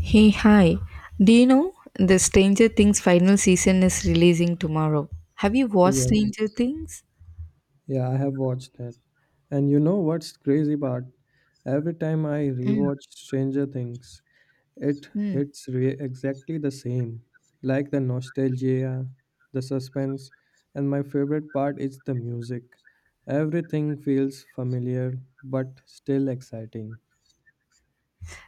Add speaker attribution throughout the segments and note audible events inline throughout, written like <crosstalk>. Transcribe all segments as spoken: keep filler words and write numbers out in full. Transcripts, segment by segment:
Speaker 1: Hey, hi. Do you know the Stranger Things final season is releasing tomorrow? Have you watched
Speaker 2: Yes,
Speaker 1: Stranger Things?
Speaker 2: yeah, I have watched that. And you know what's crazy part? Every time I rewatch Stranger Things, it
Speaker 1: Mm-hmm.
Speaker 2: hits re- exactly the same. Like the nostalgia, the suspense, and my favorite part is the music. Everything feels familiar but still exciting.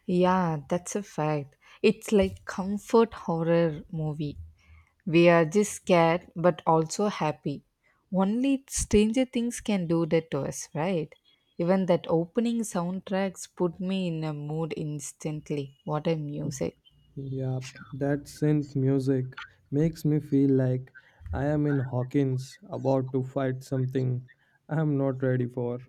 Speaker 1: Yeah, that's a fact. It's like comfort horror movie. We are just scared but also happy. Only Stranger Things can do that to us, right? Even that opening soundtracks put me in a mood instantly. What a music.
Speaker 2: Yup, that synth music makes me feel like I am in Hawkins about to fight something I am not ready for.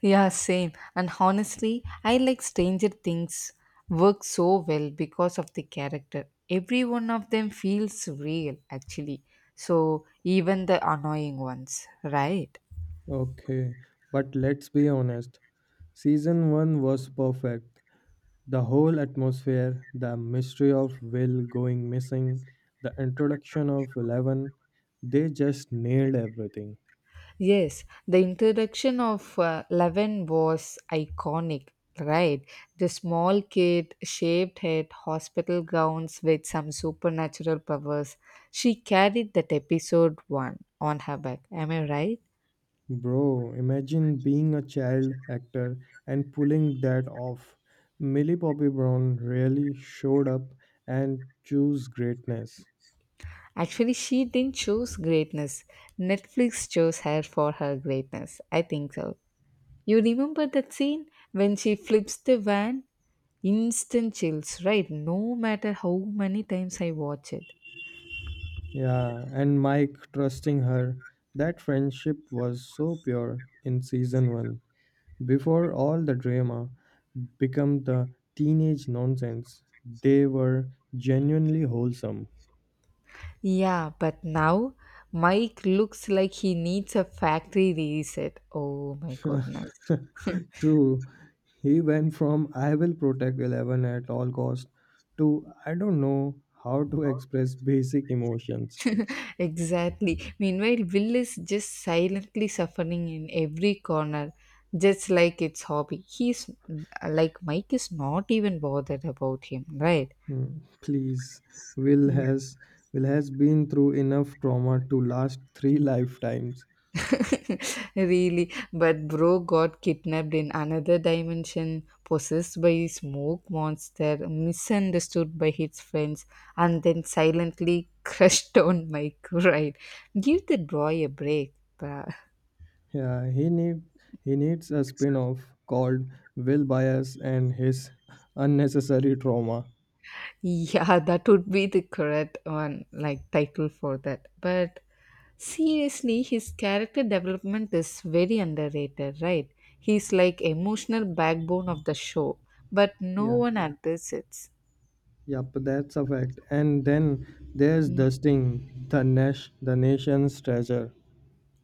Speaker 1: Yeah, same. And honestly, I like Stranger Things work so well because of the character. Every one of them feels real, actually. So, even the annoying ones, right?
Speaker 2: Okay, but let's be honest. Season one was perfect. The whole atmosphere, the mystery of Will going missing, the introduction of Eleven, they just nailed everything.
Speaker 1: Yes, the introduction of uh, Levin was iconic, right? The small kid, shaved head, hospital gowns with some supernatural powers. She carried that episode one on her back. Am I right?
Speaker 2: Bro, imagine being a child actor and pulling that off. Millie Bobby Brown really showed up and chose greatness.
Speaker 1: Actually, she didn't choose greatness. Netflix chose her for her greatness. I think so. You remember that scene when she flips the van? Instant chills, right? No matter how many times I watch it.
Speaker 2: Yeah, and Mike trusting her. That friendship was so pure in season one. Before all the drama became the teenage nonsense, they were genuinely wholesome.
Speaker 1: Yeah, but now Mike looks like he needs a factory reset. Oh my goodness.
Speaker 2: <laughs> True, he went from I will protect Eleven at all cost to I don't know how to express basic emotions.
Speaker 1: Exactly. Meanwhile, Will is just silently suffering in every corner, just like its hobby. He's like Mike is not even bothered about him, right?
Speaker 2: Hmm, Please, Will
Speaker 1: Mm.
Speaker 2: has Will has been through enough trauma to last three <laughs> lifetimes.
Speaker 1: <laughs> Really, but bro got kidnapped in another dimension, possessed by a smoke monster, misunderstood by his friends, and then silently <laughs> crushed on Mike, right? Give the boy a break, bruh.
Speaker 2: Yeah, he need he needs a spin-off called Will Bias and His Unnecessary Trauma.
Speaker 1: <laughs> Yeah, that would be the correct one, like title for that. But seriously, his character development is very underrated, right? He's like emotional backbone of the show, but no
Speaker 2: Yeah,
Speaker 1: one appreciates.
Speaker 2: yep, that's a fact. And then there's Dustin, the Nash, the nation's treasure.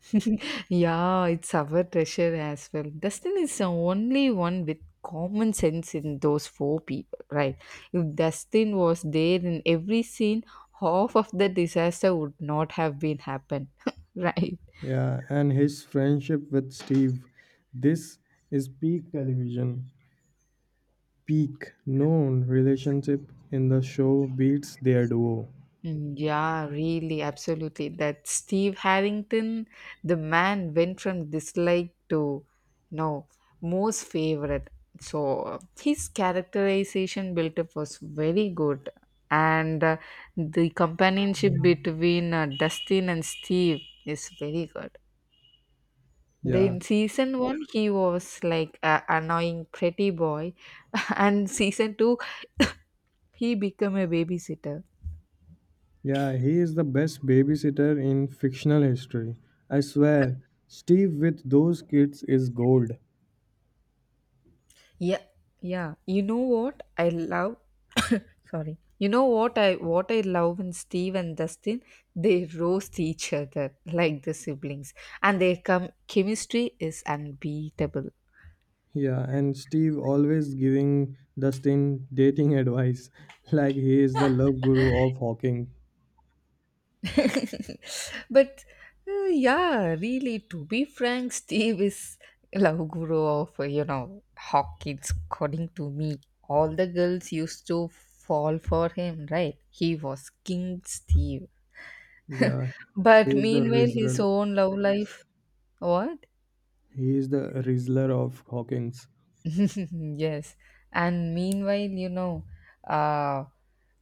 Speaker 1: <laughs> Yeah, it's our treasure as well. Dustin is the only one with common sense in those four people, right? If Dustin was there in every scene, half of the disaster would not have been happened, <laughs> right?
Speaker 2: Yeah, and his friendship with Steve. This is peak television. Peak known relationship in the show beats their duo.
Speaker 1: Mm, yeah, really, absolutely. That Steve Harrington, the man went from dislike to, you know, most favorite. So uh, his characterization built up was very good. And uh, the companionship between uh, Dustin and Steve is very good.
Speaker 2: Yeah,
Speaker 1: Then season one, he was like a annoying pretty boy, <laughs> and season two, <laughs> <coughs> he became a babysitter.
Speaker 2: yeah, he is the best babysitter in fictional history. I swear, Steve with those kids is gold.
Speaker 1: Yeah, yeah. You know what I love? <coughs> Sorry. You know what I what I love in Steve and Dustin. They roast each other like the siblings, and their com- chemistry is unbeatable.
Speaker 2: Yeah, and Steve always giving Dustin dating advice <laughs> like he is the love guru of Hawking.
Speaker 1: <laughs> But uh, yeah, really, to be frank, Steve is love guru of uh, you know Hawkins. According to me, all the girls used to fall for him. Right? He was King Steve.
Speaker 2: Yeah, he
Speaker 1: But
Speaker 2: is the
Speaker 1: meanwhile, his
Speaker 2: Rizler.
Speaker 1: own love life, what?
Speaker 2: He is the rizzler of Hawkins.
Speaker 1: <laughs> Yes. And meanwhile, you know, uh,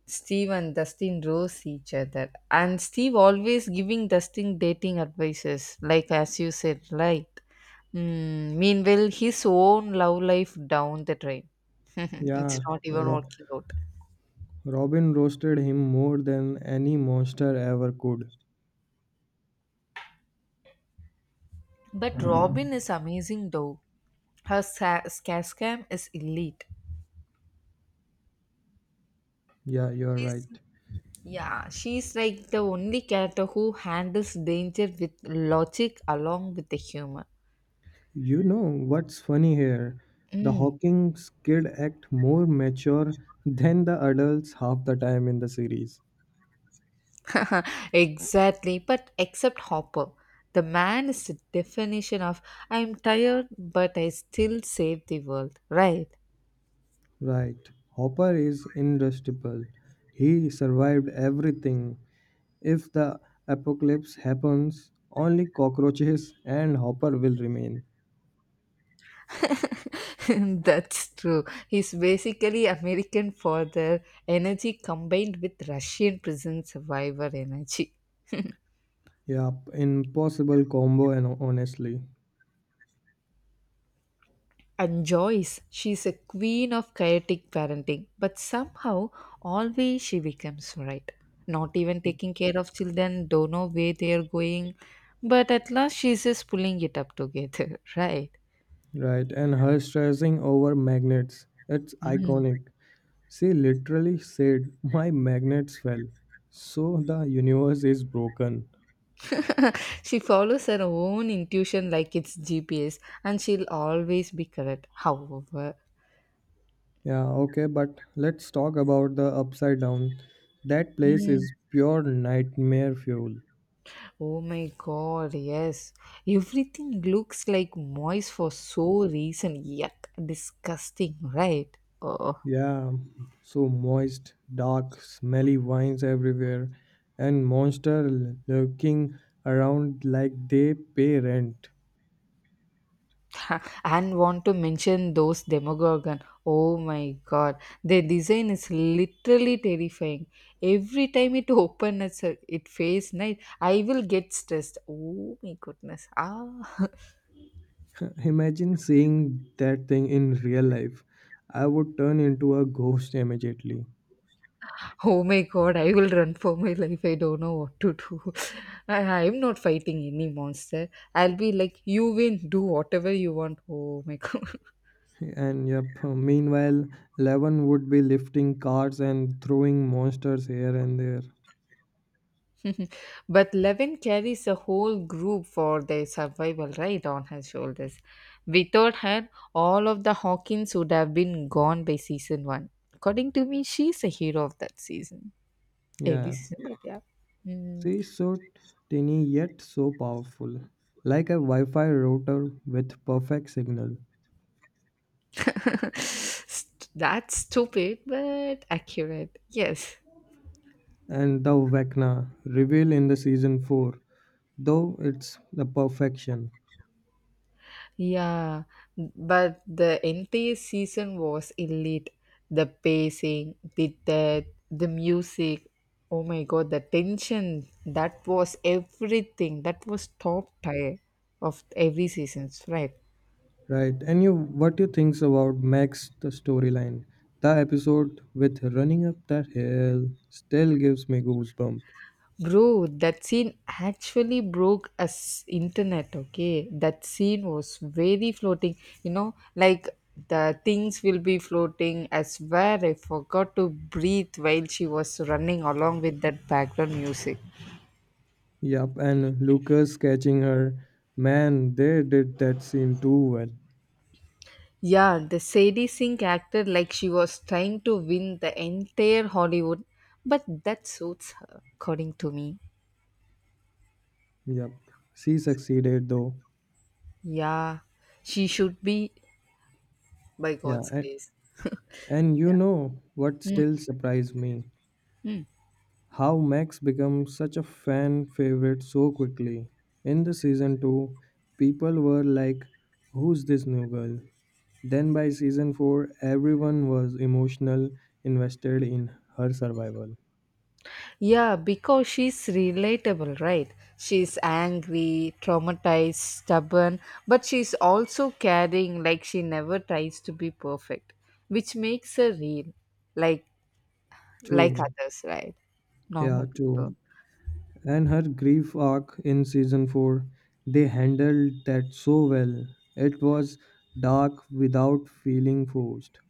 Speaker 1: Steve and Dustin roast each other. And Steve always giving Dustin dating advices, like as you said, right? Mm, meanwhile, his own love life down the drain. <laughs> It's
Speaker 2: Yeah,
Speaker 1: not even
Speaker 2: Ro-
Speaker 1: working out.
Speaker 2: Robin roasted him more than any monster ever could.
Speaker 1: But Robin is amazing though. Her sa- scare scam is elite.
Speaker 2: Yeah, you're right.
Speaker 1: Yeah, she's like the only character who handles danger with logic along with the humor.
Speaker 2: You know what's funny here? The
Speaker 1: Mm.
Speaker 2: Hawkins kid act more mature than the adults half the time in the series.
Speaker 1: <laughs> Exactly, but except Hopper. The man is the definition of I'm tired, but I still save the world, right?
Speaker 2: Right. Hopper is indestructible. He survived everything. If the apocalypse happens, only cockroaches and Hopper will remain.
Speaker 1: <laughs> That's true. He's basically American for the energy combined with Russian prison survivor energy.
Speaker 2: Yep, impossible combo and honestly.
Speaker 1: And Joyce, she's a queen of chaotic parenting, but somehow always she becomes right. Not even taking care of children, don't know where they are going, but at last she's just pulling it up together, <laughs> right?
Speaker 2: Right, and her stressing over magnets. It's iconic. She literally said, My magnets fell. So the universe is broken.
Speaker 1: <laughs> She follows her own intuition like it's G P S and she'll always be correct. However,
Speaker 2: Yeah, okay, but let's talk about the upside down. That place is pure nightmare fuel.
Speaker 1: oh my god, yes, everything looks like moist for so reason, yuck, disgusting, right? Oh.
Speaker 2: Yeah, so moist, dark, smelly vines everywhere, and monster l- lurking around like they pay rent.
Speaker 1: <laughs> And want to mention those demogorgon. Oh my god, their design is literally terrifying. Every time it open its it face night, I will get stressed. Oh my goodness, ah.
Speaker 2: <laughs> Imagine seeing that thing in real life. I would turn into a ghost immediately.
Speaker 1: <laughs> Oh my god, I will run for my life. I don't know what to do. <laughs> I, i'm not fighting any monster. I'll be like, you win, do whatever you want. Oh my <laughs> god.
Speaker 2: And yep, uh, meanwhile, Levin would be lifting cars and throwing monsters here and there.
Speaker 1: <laughs> But Levin carries a whole group for their survival right on her shoulders. Without her, all of the Hawkins would have been gone by season one. According to me, she's a hero of that season. Every
Speaker 2: Yeah,
Speaker 1: season, yeah. Yeah. Mm.
Speaker 2: she's so tiny yet so powerful, like a Wi Fi router with perfect signal.
Speaker 1: <laughs> St- That's stupid, but accurate. Yes.
Speaker 2: And the Vecna reveal in the season four, though it's the perfection,
Speaker 1: Yeah, but the entire season was elite. The pacing, the death, the music. Oh my god, the tension. That was everything. That was top tier of every seasons, right?
Speaker 2: right? And you, what you thinks about Max the storyline? The episode with running up that hill still gives me goosebump.
Speaker 1: Bro, that scene actually broke us internet, okay? That scene was very floating, you know, like the things will be floating. I swear I forgot to breathe while she was running along with that background music.
Speaker 2: Yup, and Lucas catching her. Man, they did that scene too well.
Speaker 1: Yeah, the Sadie Sink acted like she was trying to win the entire Hollywood, but that suits her, according to me.
Speaker 2: Yup, she succeeded though.
Speaker 1: Yeah, she should be by
Speaker 2: Yeah,
Speaker 1: God's
Speaker 2: and,
Speaker 1: grace.
Speaker 2: and you know what still surprised me? How Max becomes such a fan favorite so quickly. In the season two, people were like, Who's this new girl? Then by season four, everyone was emotional, invested in her survival.
Speaker 1: Yeah, because she's relatable, right? She's angry, traumatized, stubborn, but she's also caring like she never tries to be perfect, which makes her real, like like
Speaker 2: True.
Speaker 1: others, right?
Speaker 2: Yeah,
Speaker 1: Normal
Speaker 2: true.
Speaker 1: people.
Speaker 2: And her grief arc in season four, they handled that so well. It was dark without feeling forced.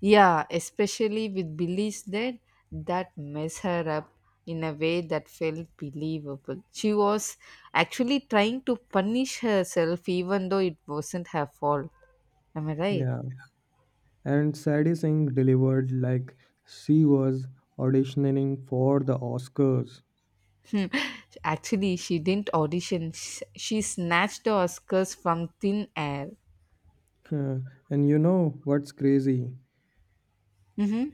Speaker 1: Yeah, especially with beliefs that that mess her up in a way that felt believable. She was actually trying to punish herself even though it wasn't her fault. Am I right?
Speaker 2: Yeah, and Sadie Singh delivered like she was auditioning for the Oscars.
Speaker 1: Hmm. Actually, she didn't audition. Sh- She snatched the Oscars from thin air.
Speaker 2: Huh, and you know what's crazy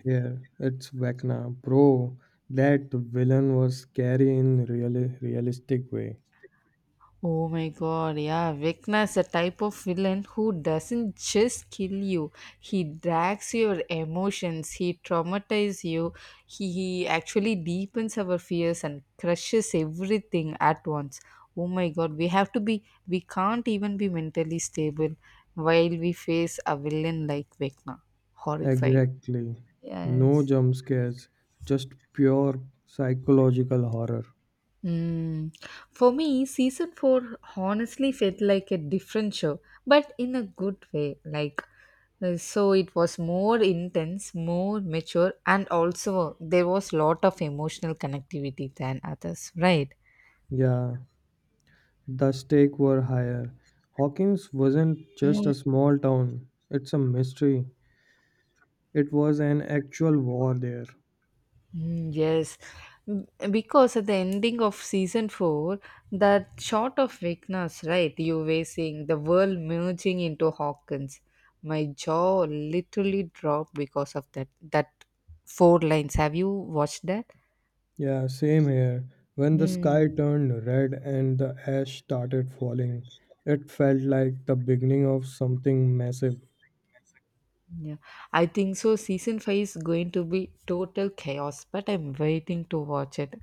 Speaker 2: here? It's Vecna, bro. That villain was scary in real realistic way.
Speaker 1: Oh my god, yeah. Vecna is a type of villain who doesn't just kill you, he drags your emotions, he traumatizes you, he, he actually deepens our fears and crushes everything at once. Oh my god, we have to be, we can't even be mentally stable while we face a villain like Vecna. Horrifying.
Speaker 2: Exactly. No
Speaker 1: Yes.
Speaker 2: jump scares, just pure psychological horror.
Speaker 1: Mm. For me, season four honestly felt like a different show, but in a good way. Like, uh, so it was more intense, more mature, and also there was lot of emotional connectivity than others, right?
Speaker 2: Yeah, the stakes were higher. Hawkins wasn't just a small town, it's a mystery. It was an actual war there.
Speaker 1: Mm, yes, M- because at the ending of season four, that shot of weakness, right? You were seeing the world merging into Hawkins. My jaw literally dropped because of that. That four lines. Have you watched that?
Speaker 2: Yeah, same here. When the sky
Speaker 1: Hmm.
Speaker 2: turned red and the ash started falling, it felt like the beginning of something massive.
Speaker 1: Yeah, I think so. Season five is going to be total chaos, but I'm waiting to watch it.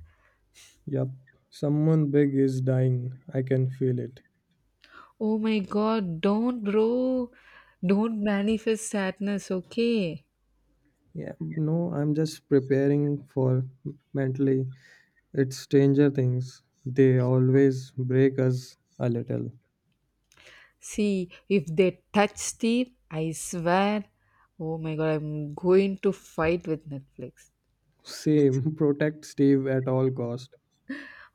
Speaker 2: Yup, someone big is dying. I can feel it.
Speaker 1: Oh my God! Don't, bro. Don't manifest sadness. Okay.
Speaker 2: Yeah, no, I'm just preparing for mentally. It's Stranger Things. They always break us a little.
Speaker 1: See, if they touch Steve, I swear, oh my god, I'm going to fight with Netflix.
Speaker 2: Same, <laughs> protect Steve at all cost.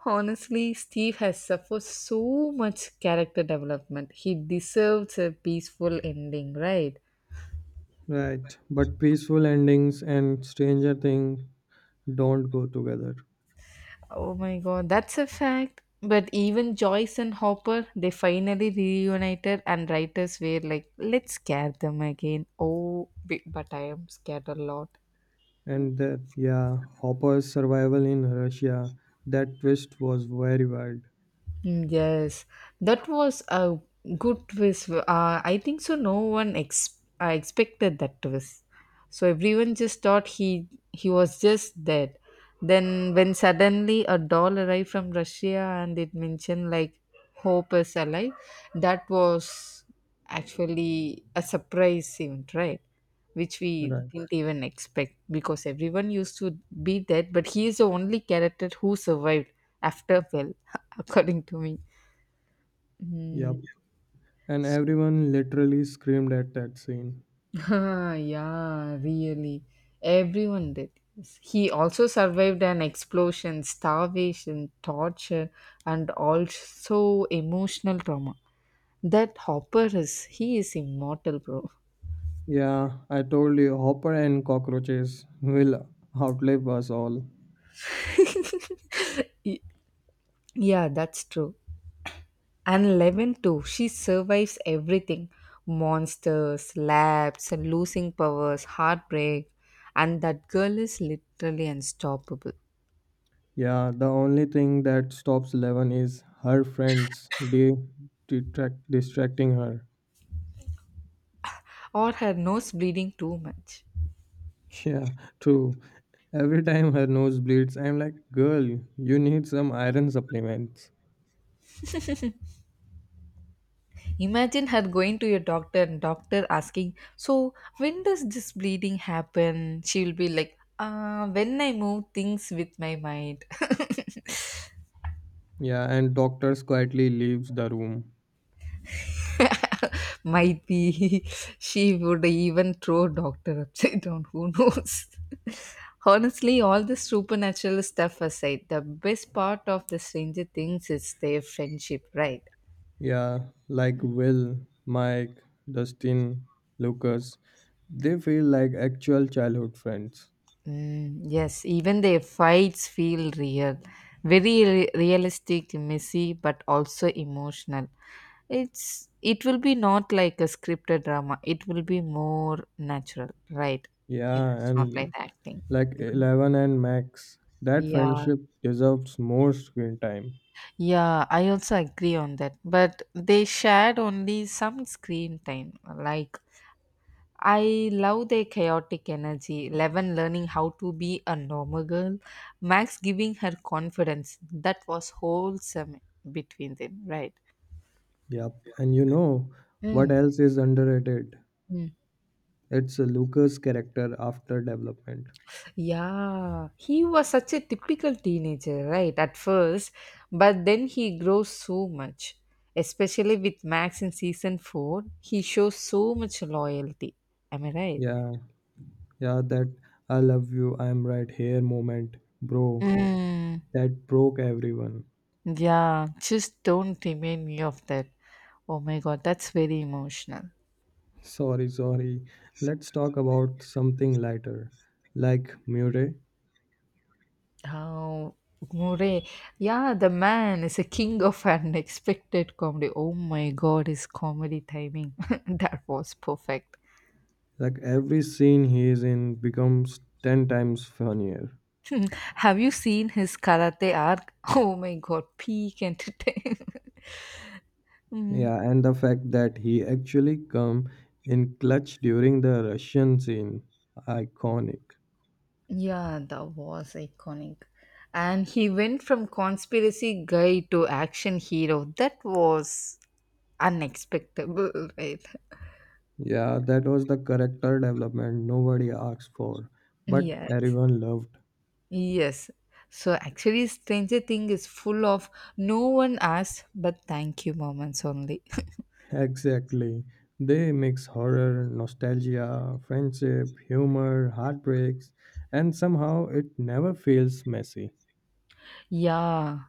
Speaker 1: Honestly, Steve has suffered so much character development. He deserves a peaceful ending, right?
Speaker 2: Right, but peaceful endings and Stranger Things don't go together.
Speaker 1: Oh my god, that's a fact. But even Joyce and Hopper, they finally reunited, and writers were like, let's scare them again. Oh, bi- but I am scared a lot.
Speaker 2: And that, yeah, Hopper's survival in Russia, that twist was very wild.
Speaker 1: Mm, yes, that was a good twist. Uh, I think so. No one ex- uh, expected that twist, so everyone just thought he he was just dead. Then, when suddenly a doll arrived from Russia and it mentioned like hope is alive, that was actually a surprise event, right? Which we
Speaker 2: Right,
Speaker 1: didn't even expect because everyone used to be dead, but he is the only character who survived after. Well, <laughs> according to me.
Speaker 2: yep.
Speaker 1: Mm.
Speaker 2: And everyone literally screamed at that scene.
Speaker 1: <laughs> Yeah, really. Everyone did. Yes. He also survived an explosion, starvation, torture, and also emotional trauma. That Hopper is, he is immortal, bro.
Speaker 2: Yeah, I told you, Hopper and cockroaches will outlive us all.
Speaker 1: <laughs> Y- Yeah, that's true. And Eleven too, she survives everything, monsters, labs, and losing powers, heartbreak. And that girl is literally unstoppable.
Speaker 2: Yeah, the only thing that stops Eleven is her friends de- detract- distracting her.
Speaker 1: Or her nose bleeding too much.
Speaker 2: <laughs> Yeah, true. Every time her nose bleeds, I'm like, girl, you need some iron supplements.
Speaker 1: Imagine her going to your doctor and doctor asking, so when does this bleeding happen? She'll be like, uh, when I move things with my mind. <laughs>
Speaker 2: Yeah, and doctors quietly leaves the room.
Speaker 1: <laughs> Might be she would even throw doctor upside down. Who knows? <laughs> Honestly, all the supernatural stuff aside, the best part of the Stranger Things is their friendship, right?
Speaker 2: Yeah, like Will, Mike, Dustin, Lucas. They feel like actual childhood friends.
Speaker 1: Mm, yes, even their fights feel real. Very re- realistic, messy, but also emotional. It's it will be not like a scripted drama. It will be more natural, right?
Speaker 2: Yeah,
Speaker 1: It's not like
Speaker 2: and
Speaker 1: acting.
Speaker 2: like
Speaker 1: Mhm.
Speaker 2: Eleven and Max. That
Speaker 1: Yeah,
Speaker 2: friendship deserves more screen time.
Speaker 1: yeah, I also agree on that. But they shared only some screen time. Like, I love their chaotic energy. Eleven learning how to be a normal girl, Max giving her confidence. That was wholesome between them, right?
Speaker 2: Yep, and you know what
Speaker 1: Mm.
Speaker 2: else is underrated?
Speaker 1: Mm.
Speaker 2: It's Lucas' character after development.
Speaker 1: Yeah, he was such a typical teenager, right, at first, but then he grows so much. Especially with Max in season four, he shows so much loyalty. Am I right?
Speaker 2: Yeah, yeah, that I love you, I'm right here moment, bro.
Speaker 1: Mm,
Speaker 2: That broke everyone.
Speaker 1: yeah, just don't remind me of that. Oh my god, that's very emotional.
Speaker 2: <laughs> Sorry, sorry. Let's talk about something lighter, like Murray.
Speaker 1: How Murray, yeah, the man is a king of unexpected comedy. Oh my god, his comedy timing <laughs> that was perfect.
Speaker 2: Like every scene he is in becomes ten times funnier.
Speaker 1: Hmm, have you seen his karate arc? <laughs> Oh my god, peak entertainment. <laughs> Mm.
Speaker 2: Yeah, and the fact that he actually come in clutch during the Russian scene, iconic.
Speaker 1: Yeah, that was iconic. And he went from conspiracy guy to action hero. That was Unexpectable, right?
Speaker 2: Yeah, that was the character development nobody asked for, but
Speaker 1: Yeah.
Speaker 2: everyone loved.
Speaker 1: Yes. So actually, Stranger Thing is full of no one asked but thank you moments only. <laughs>
Speaker 2: Exactly. They mix horror, nostalgia, friendship, humor, heartbreaks, and somehow it never feels messy.
Speaker 1: Yeah,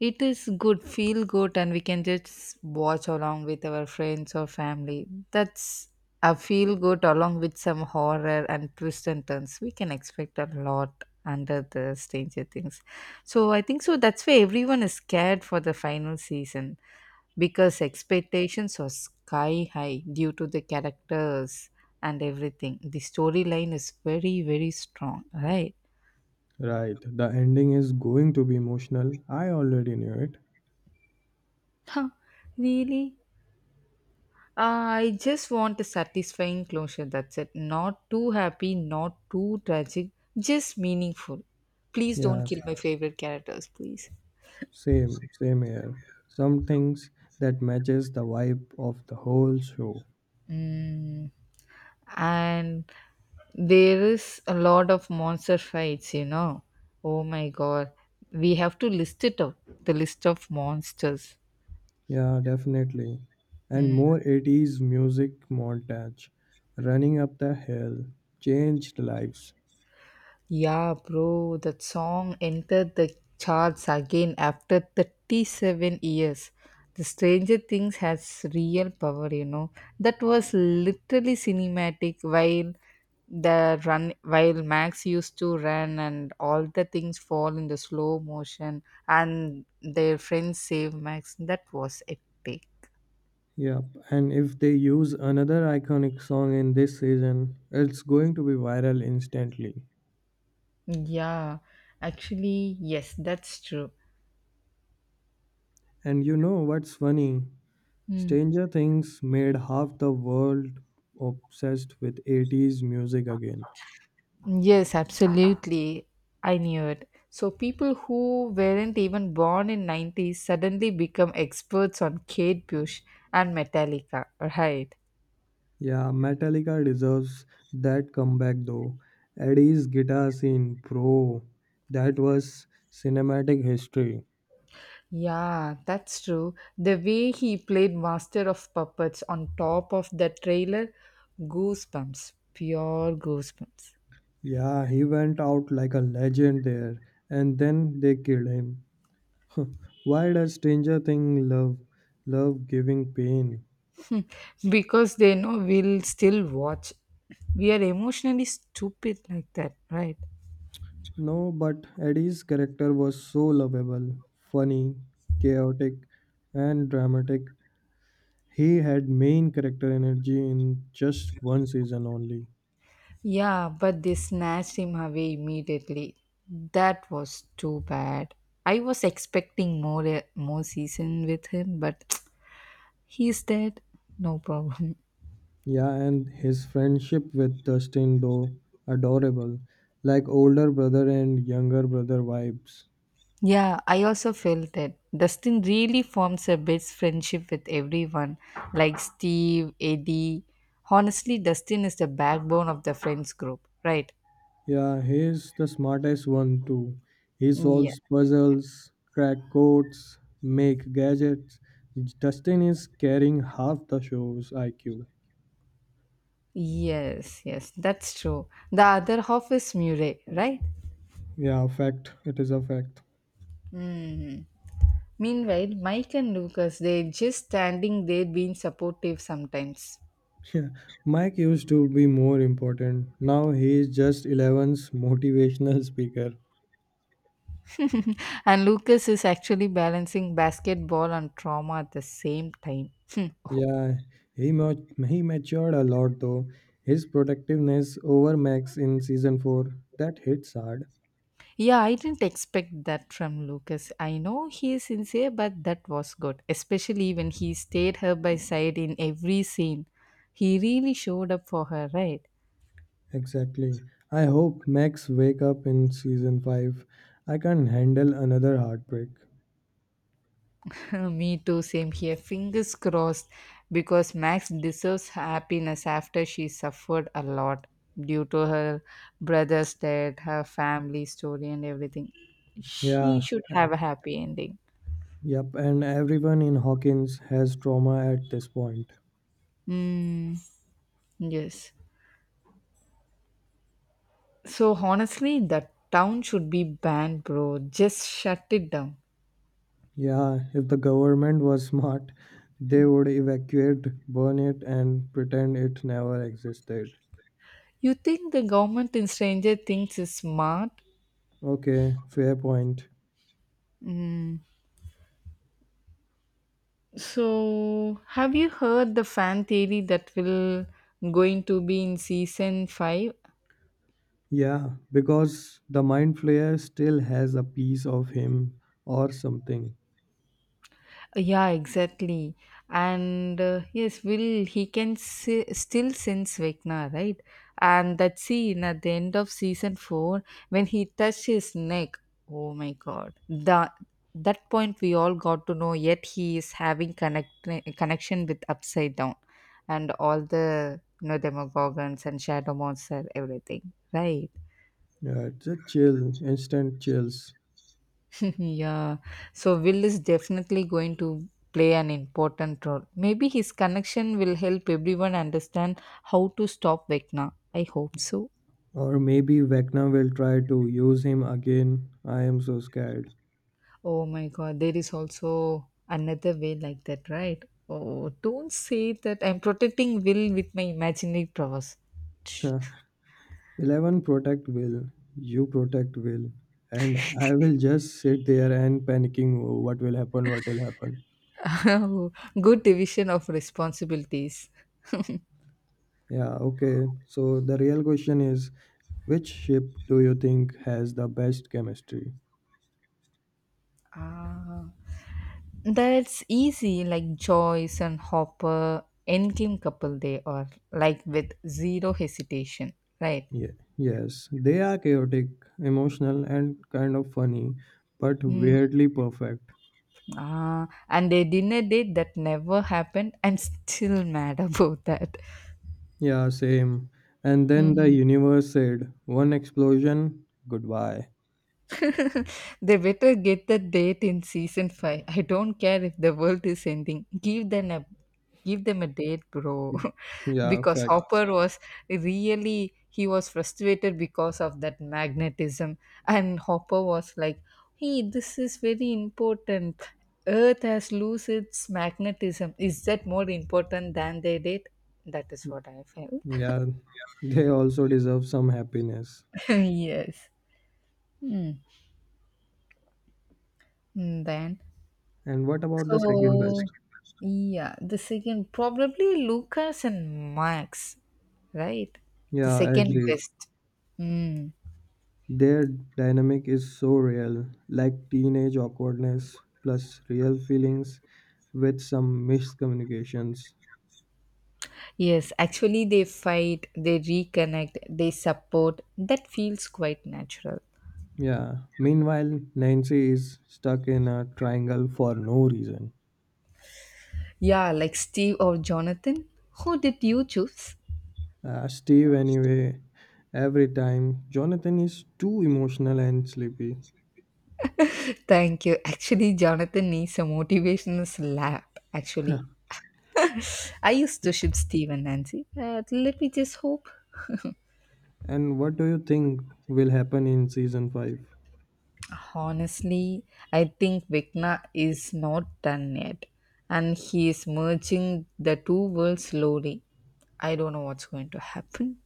Speaker 1: it is good, feel good, and we can just watch along with our friends or family. That's a feel good along with some horror and twists and turns. We can expect a lot under the Stranger Things. So I think so. That's why everyone is scared for the final season, because expectations are sky high due to the characters and everything. The storyline is very, very strong, right?
Speaker 2: Right, the ending is going to be emotional. I already knew it.
Speaker 1: Huh, really? Uh, I just want a satisfying closure, that's it. Not too happy, not too tragic, just meaningful. Please don't kill
Speaker 2: Yes.
Speaker 1: my favorite characters, please.
Speaker 2: Same, same here. Some things that matches the vibe of the whole show.
Speaker 1: Mm, and there is a lot of monster fights you know Oh my god, we have to list it out, the list of monsters.
Speaker 2: Yeah, definitely. And
Speaker 1: Hmm.
Speaker 2: more eighties music montage. Running up the hill changed lives.
Speaker 1: Yeah, bro, that song entered the charts again after thirty-seven years. The Stranger Things has real power, you know. That was literally cinematic while the run, while Max used to run and all the things fall in the slow motion and their friends save Max. That was epic.
Speaker 2: Yep. And if they use another iconic song in this season, it's going to be viral instantly.
Speaker 1: Yeah, actually, yes, that's true.
Speaker 2: And you know what's funny?
Speaker 1: Hmm.
Speaker 2: Stranger Things made half the world obsessed with eighties music again.
Speaker 1: Yes, absolutely. I knew it. So people who weren't even born in nineties suddenly become experts on Kate Bush and Metallica, right?
Speaker 2: Yeah, Metallica deserves that comeback though. Eddie's guitar scene, bro, that was cinematic history.
Speaker 1: Yeah, that's true. The way he played Master of Puppets on top of the trailer, goosebumps, pure goosebumps.
Speaker 2: Yeah, he went out like a legend there, and then they killed him. <laughs> Why does Stranger Thing love love giving pain?
Speaker 1: Because they know we'll still watch. We are emotionally stupid like that, right?
Speaker 2: No, but Eddie's character was so lovable, funny, chaotic, and dramatic. He had main character energy in just one season only.
Speaker 1: Yeah, but they snatched him away immediately. That was too bad. I was expecting more uh, more season with him, but <tsk> he's dead. No problem. <laughs>
Speaker 2: Yeah, and his friendship with Dustin, though adorable, like older brother and younger brother vibes.
Speaker 1: Yeah, I also felt that Dustin really forms a best friendship with everyone, like Steve, Eddie. Honestly, Dustin is the backbone of the friends group, right?
Speaker 2: Yeah, he's the smartest one too. He
Speaker 1: Yeah.
Speaker 2: solves puzzles, crack codes, make gadgets. Dustin is carrying half the show's I Q.
Speaker 1: Yes, yes, that's true. The other half is Murray, right?
Speaker 2: Yeah, fact. It is a fact. <laughs>
Speaker 1: Hmm. Meanwhile, Mike and Lucas, they're just standing there being supportive sometimes.
Speaker 2: Yeah, Mike used to be more important. Now he is just Eleven's motivational speaker.
Speaker 1: <laughs> And Lucas is actually balancing basketball and trauma at the same time. Hmm. Oh.
Speaker 2: Yeah, he mat- he matured a lot though. His protectiveness over Max in season four that hits hard.
Speaker 1: Yeah, I didn't expect that from Lucas. I know he is sincere, but that was good, especially when he stayed her by side in every scene. He really showed up for her, right?
Speaker 2: Exactly. I hope Max wake up in season five. I can't handle another heartbreak.
Speaker 1: <laughs> Me too, same here. Fingers crossed, because Max deserves happiness after she suffered a lot due to her brother's death, her family story, and everything. She
Speaker 2: Yeah.
Speaker 1: should
Speaker 2: a-
Speaker 1: have a happy ending.
Speaker 2: Yep. And everyone in Hawkins has trauma at this point.
Speaker 1: Mm, yes. So, honestly, the town should be banned, bro. Just shut it down.
Speaker 2: Yeah. If the government was smart, they would evacuate, burn it, and pretend it never existed.
Speaker 1: You think the government in Stranger Things is smart?
Speaker 2: Okay. Fair point.
Speaker 1: So, have you heard the fan theory that will going to be in season five?
Speaker 2: Yeah, because the mind flayer still has a piece of him or something.
Speaker 1: Yeah, exactly. And uh, yes, Will, he can si- still sense Vecna, right? And that scene at the end of season four, when he touched his neck. Oh my god. The, that point we all got to know, yet he is having connect, connection with Upside Down and all the you know, Demogorgons and Shadow Monster, everything, right?
Speaker 2: Yeah, it's a chill, instant chills.
Speaker 1: <laughs> Yeah. So Will is definitely going to play an important role. Maybe his connection will help everyone understand how to stop Vecna. I hope so.
Speaker 2: Or maybe Vecna will try to use him again. I am so scared.
Speaker 1: Oh my god, there is also another way like that, right? Oh, don't say that. I'm protecting Will with my imaginary powers.
Speaker 2: <laughs> eleven protect Will. You protect Will. And I will just sit there and panicking "Oh, what will happen, what will happen.
Speaker 1: <laughs> Good division of responsibilities.
Speaker 2: Yeah, okay. So the real question is which ship do you think has the best chemistry?
Speaker 1: Ah. That's easy, like Joyce and Hopper, endgame couple they are, like with zero hesitation, right?
Speaker 2: Ye- yes, they are chaotic, emotional, and kind of funny, but
Speaker 1: Mm,
Speaker 2: weirdly perfect.
Speaker 1: ah, and a dinner date that never happened. I'm <laughs> still mad about that.
Speaker 2: Yeah, same. And then the
Speaker 1: Mm.
Speaker 2: universe said, one explosion, goodbye.
Speaker 1: They better get that date in season five. I don't care if the world is ending. Give them a give them a date, bro. <laughs>
Speaker 2: Yeah,
Speaker 1: Because
Speaker 2: facts.
Speaker 1: Hopper was really, he was frustrated because of that magnetism, and Hopper was like, "Hey, this is very important. Earth has lost its magnetism. Is that more important than their date?" That is what I felt.
Speaker 2: Yeah, they also deserve some happiness.
Speaker 1: <laughs> Yes. Mm. Mm, then.
Speaker 2: And what about the second
Speaker 1: So,
Speaker 2: best?
Speaker 1: yeah, the second probably Lucas and Max, right? The
Speaker 2: Yeah, I
Speaker 1: second
Speaker 2: agreed.
Speaker 1: best. Mm.
Speaker 2: Their dynamic is so real, like teenage awkwardness plus real feelings with some miscommunications.
Speaker 1: Yes, actually, they fight, they reconnect, they support. That feels quite natural.
Speaker 2: Yeah. Meanwhile, Nancy is stuck in a triangle for no reason.
Speaker 1: Yeah, like Steve or Jonathan. Who did you choose?
Speaker 2: Uh, Steve, anyway, every time. Jonathan is too emotional and sleepy.
Speaker 1: Thank you. Actually, Jonathan needs a motivational slap. Actually, I used to ship Steve and Nancy. Uh, let me just hope.
Speaker 2: And what do you think will happen in season five?
Speaker 1: Honestly, I think Vecna is not done yet, and he is merging the two worlds slowly. I don't know what's going to happen.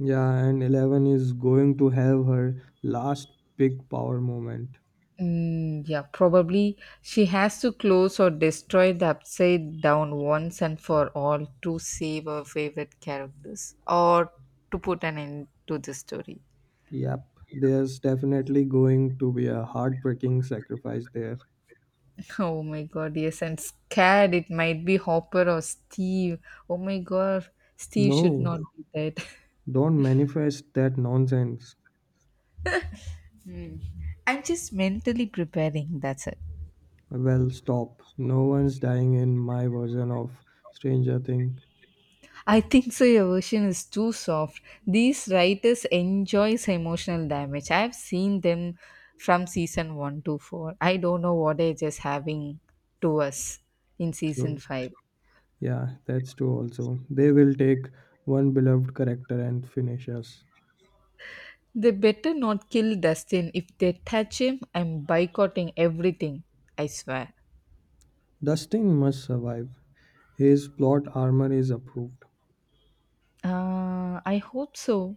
Speaker 2: Yeah, and Eleven is going to have her last big power moment.
Speaker 1: Mm, yeah, probably she has to close or destroy the upside down once and for all to save her favorite characters, or to put an end to the story.
Speaker 2: Yep, there's definitely going to be a heartbreaking sacrifice there.
Speaker 1: <laughs> Oh my god, yes, I'm scared it might be Hopper or Steve. Oh my god, Steve should
Speaker 2: No,
Speaker 1: not be dead. <laughs>
Speaker 2: don't manifest that nonsense.
Speaker 1: I'm just mentally preparing, that's it.
Speaker 2: Well, stop. No one's dying in my version of Stranger Things.
Speaker 1: I think so your version is too soft. These writers enjoys emotional damage. I've seen them from season one to four. I don't know what they're just having to us in season
Speaker 2: True.
Speaker 1: five.
Speaker 2: Yeah, that's true also. They will take one beloved character and finish us.
Speaker 1: They better not kill Dustin. If they touch him, I'm boycotting everything. I swear.
Speaker 2: Dustin must survive. His plot armor is approved.
Speaker 1: Uh, I hope so.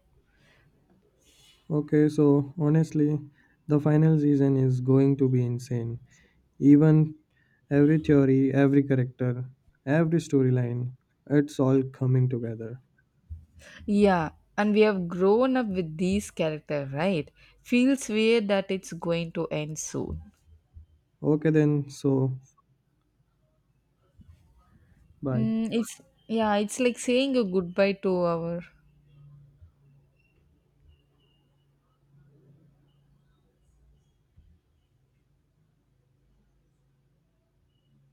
Speaker 2: Okay, so honestly, the final season is going to be insane. Even every theory, every character, every storyline, it's all coming together.
Speaker 1: Yeah, and we have grown up with these characters, right? Feels weird that it's going to end soon.
Speaker 2: Okay, then, so bye.
Speaker 1: Mm, it's Yeah, it's like saying a goodbye to our.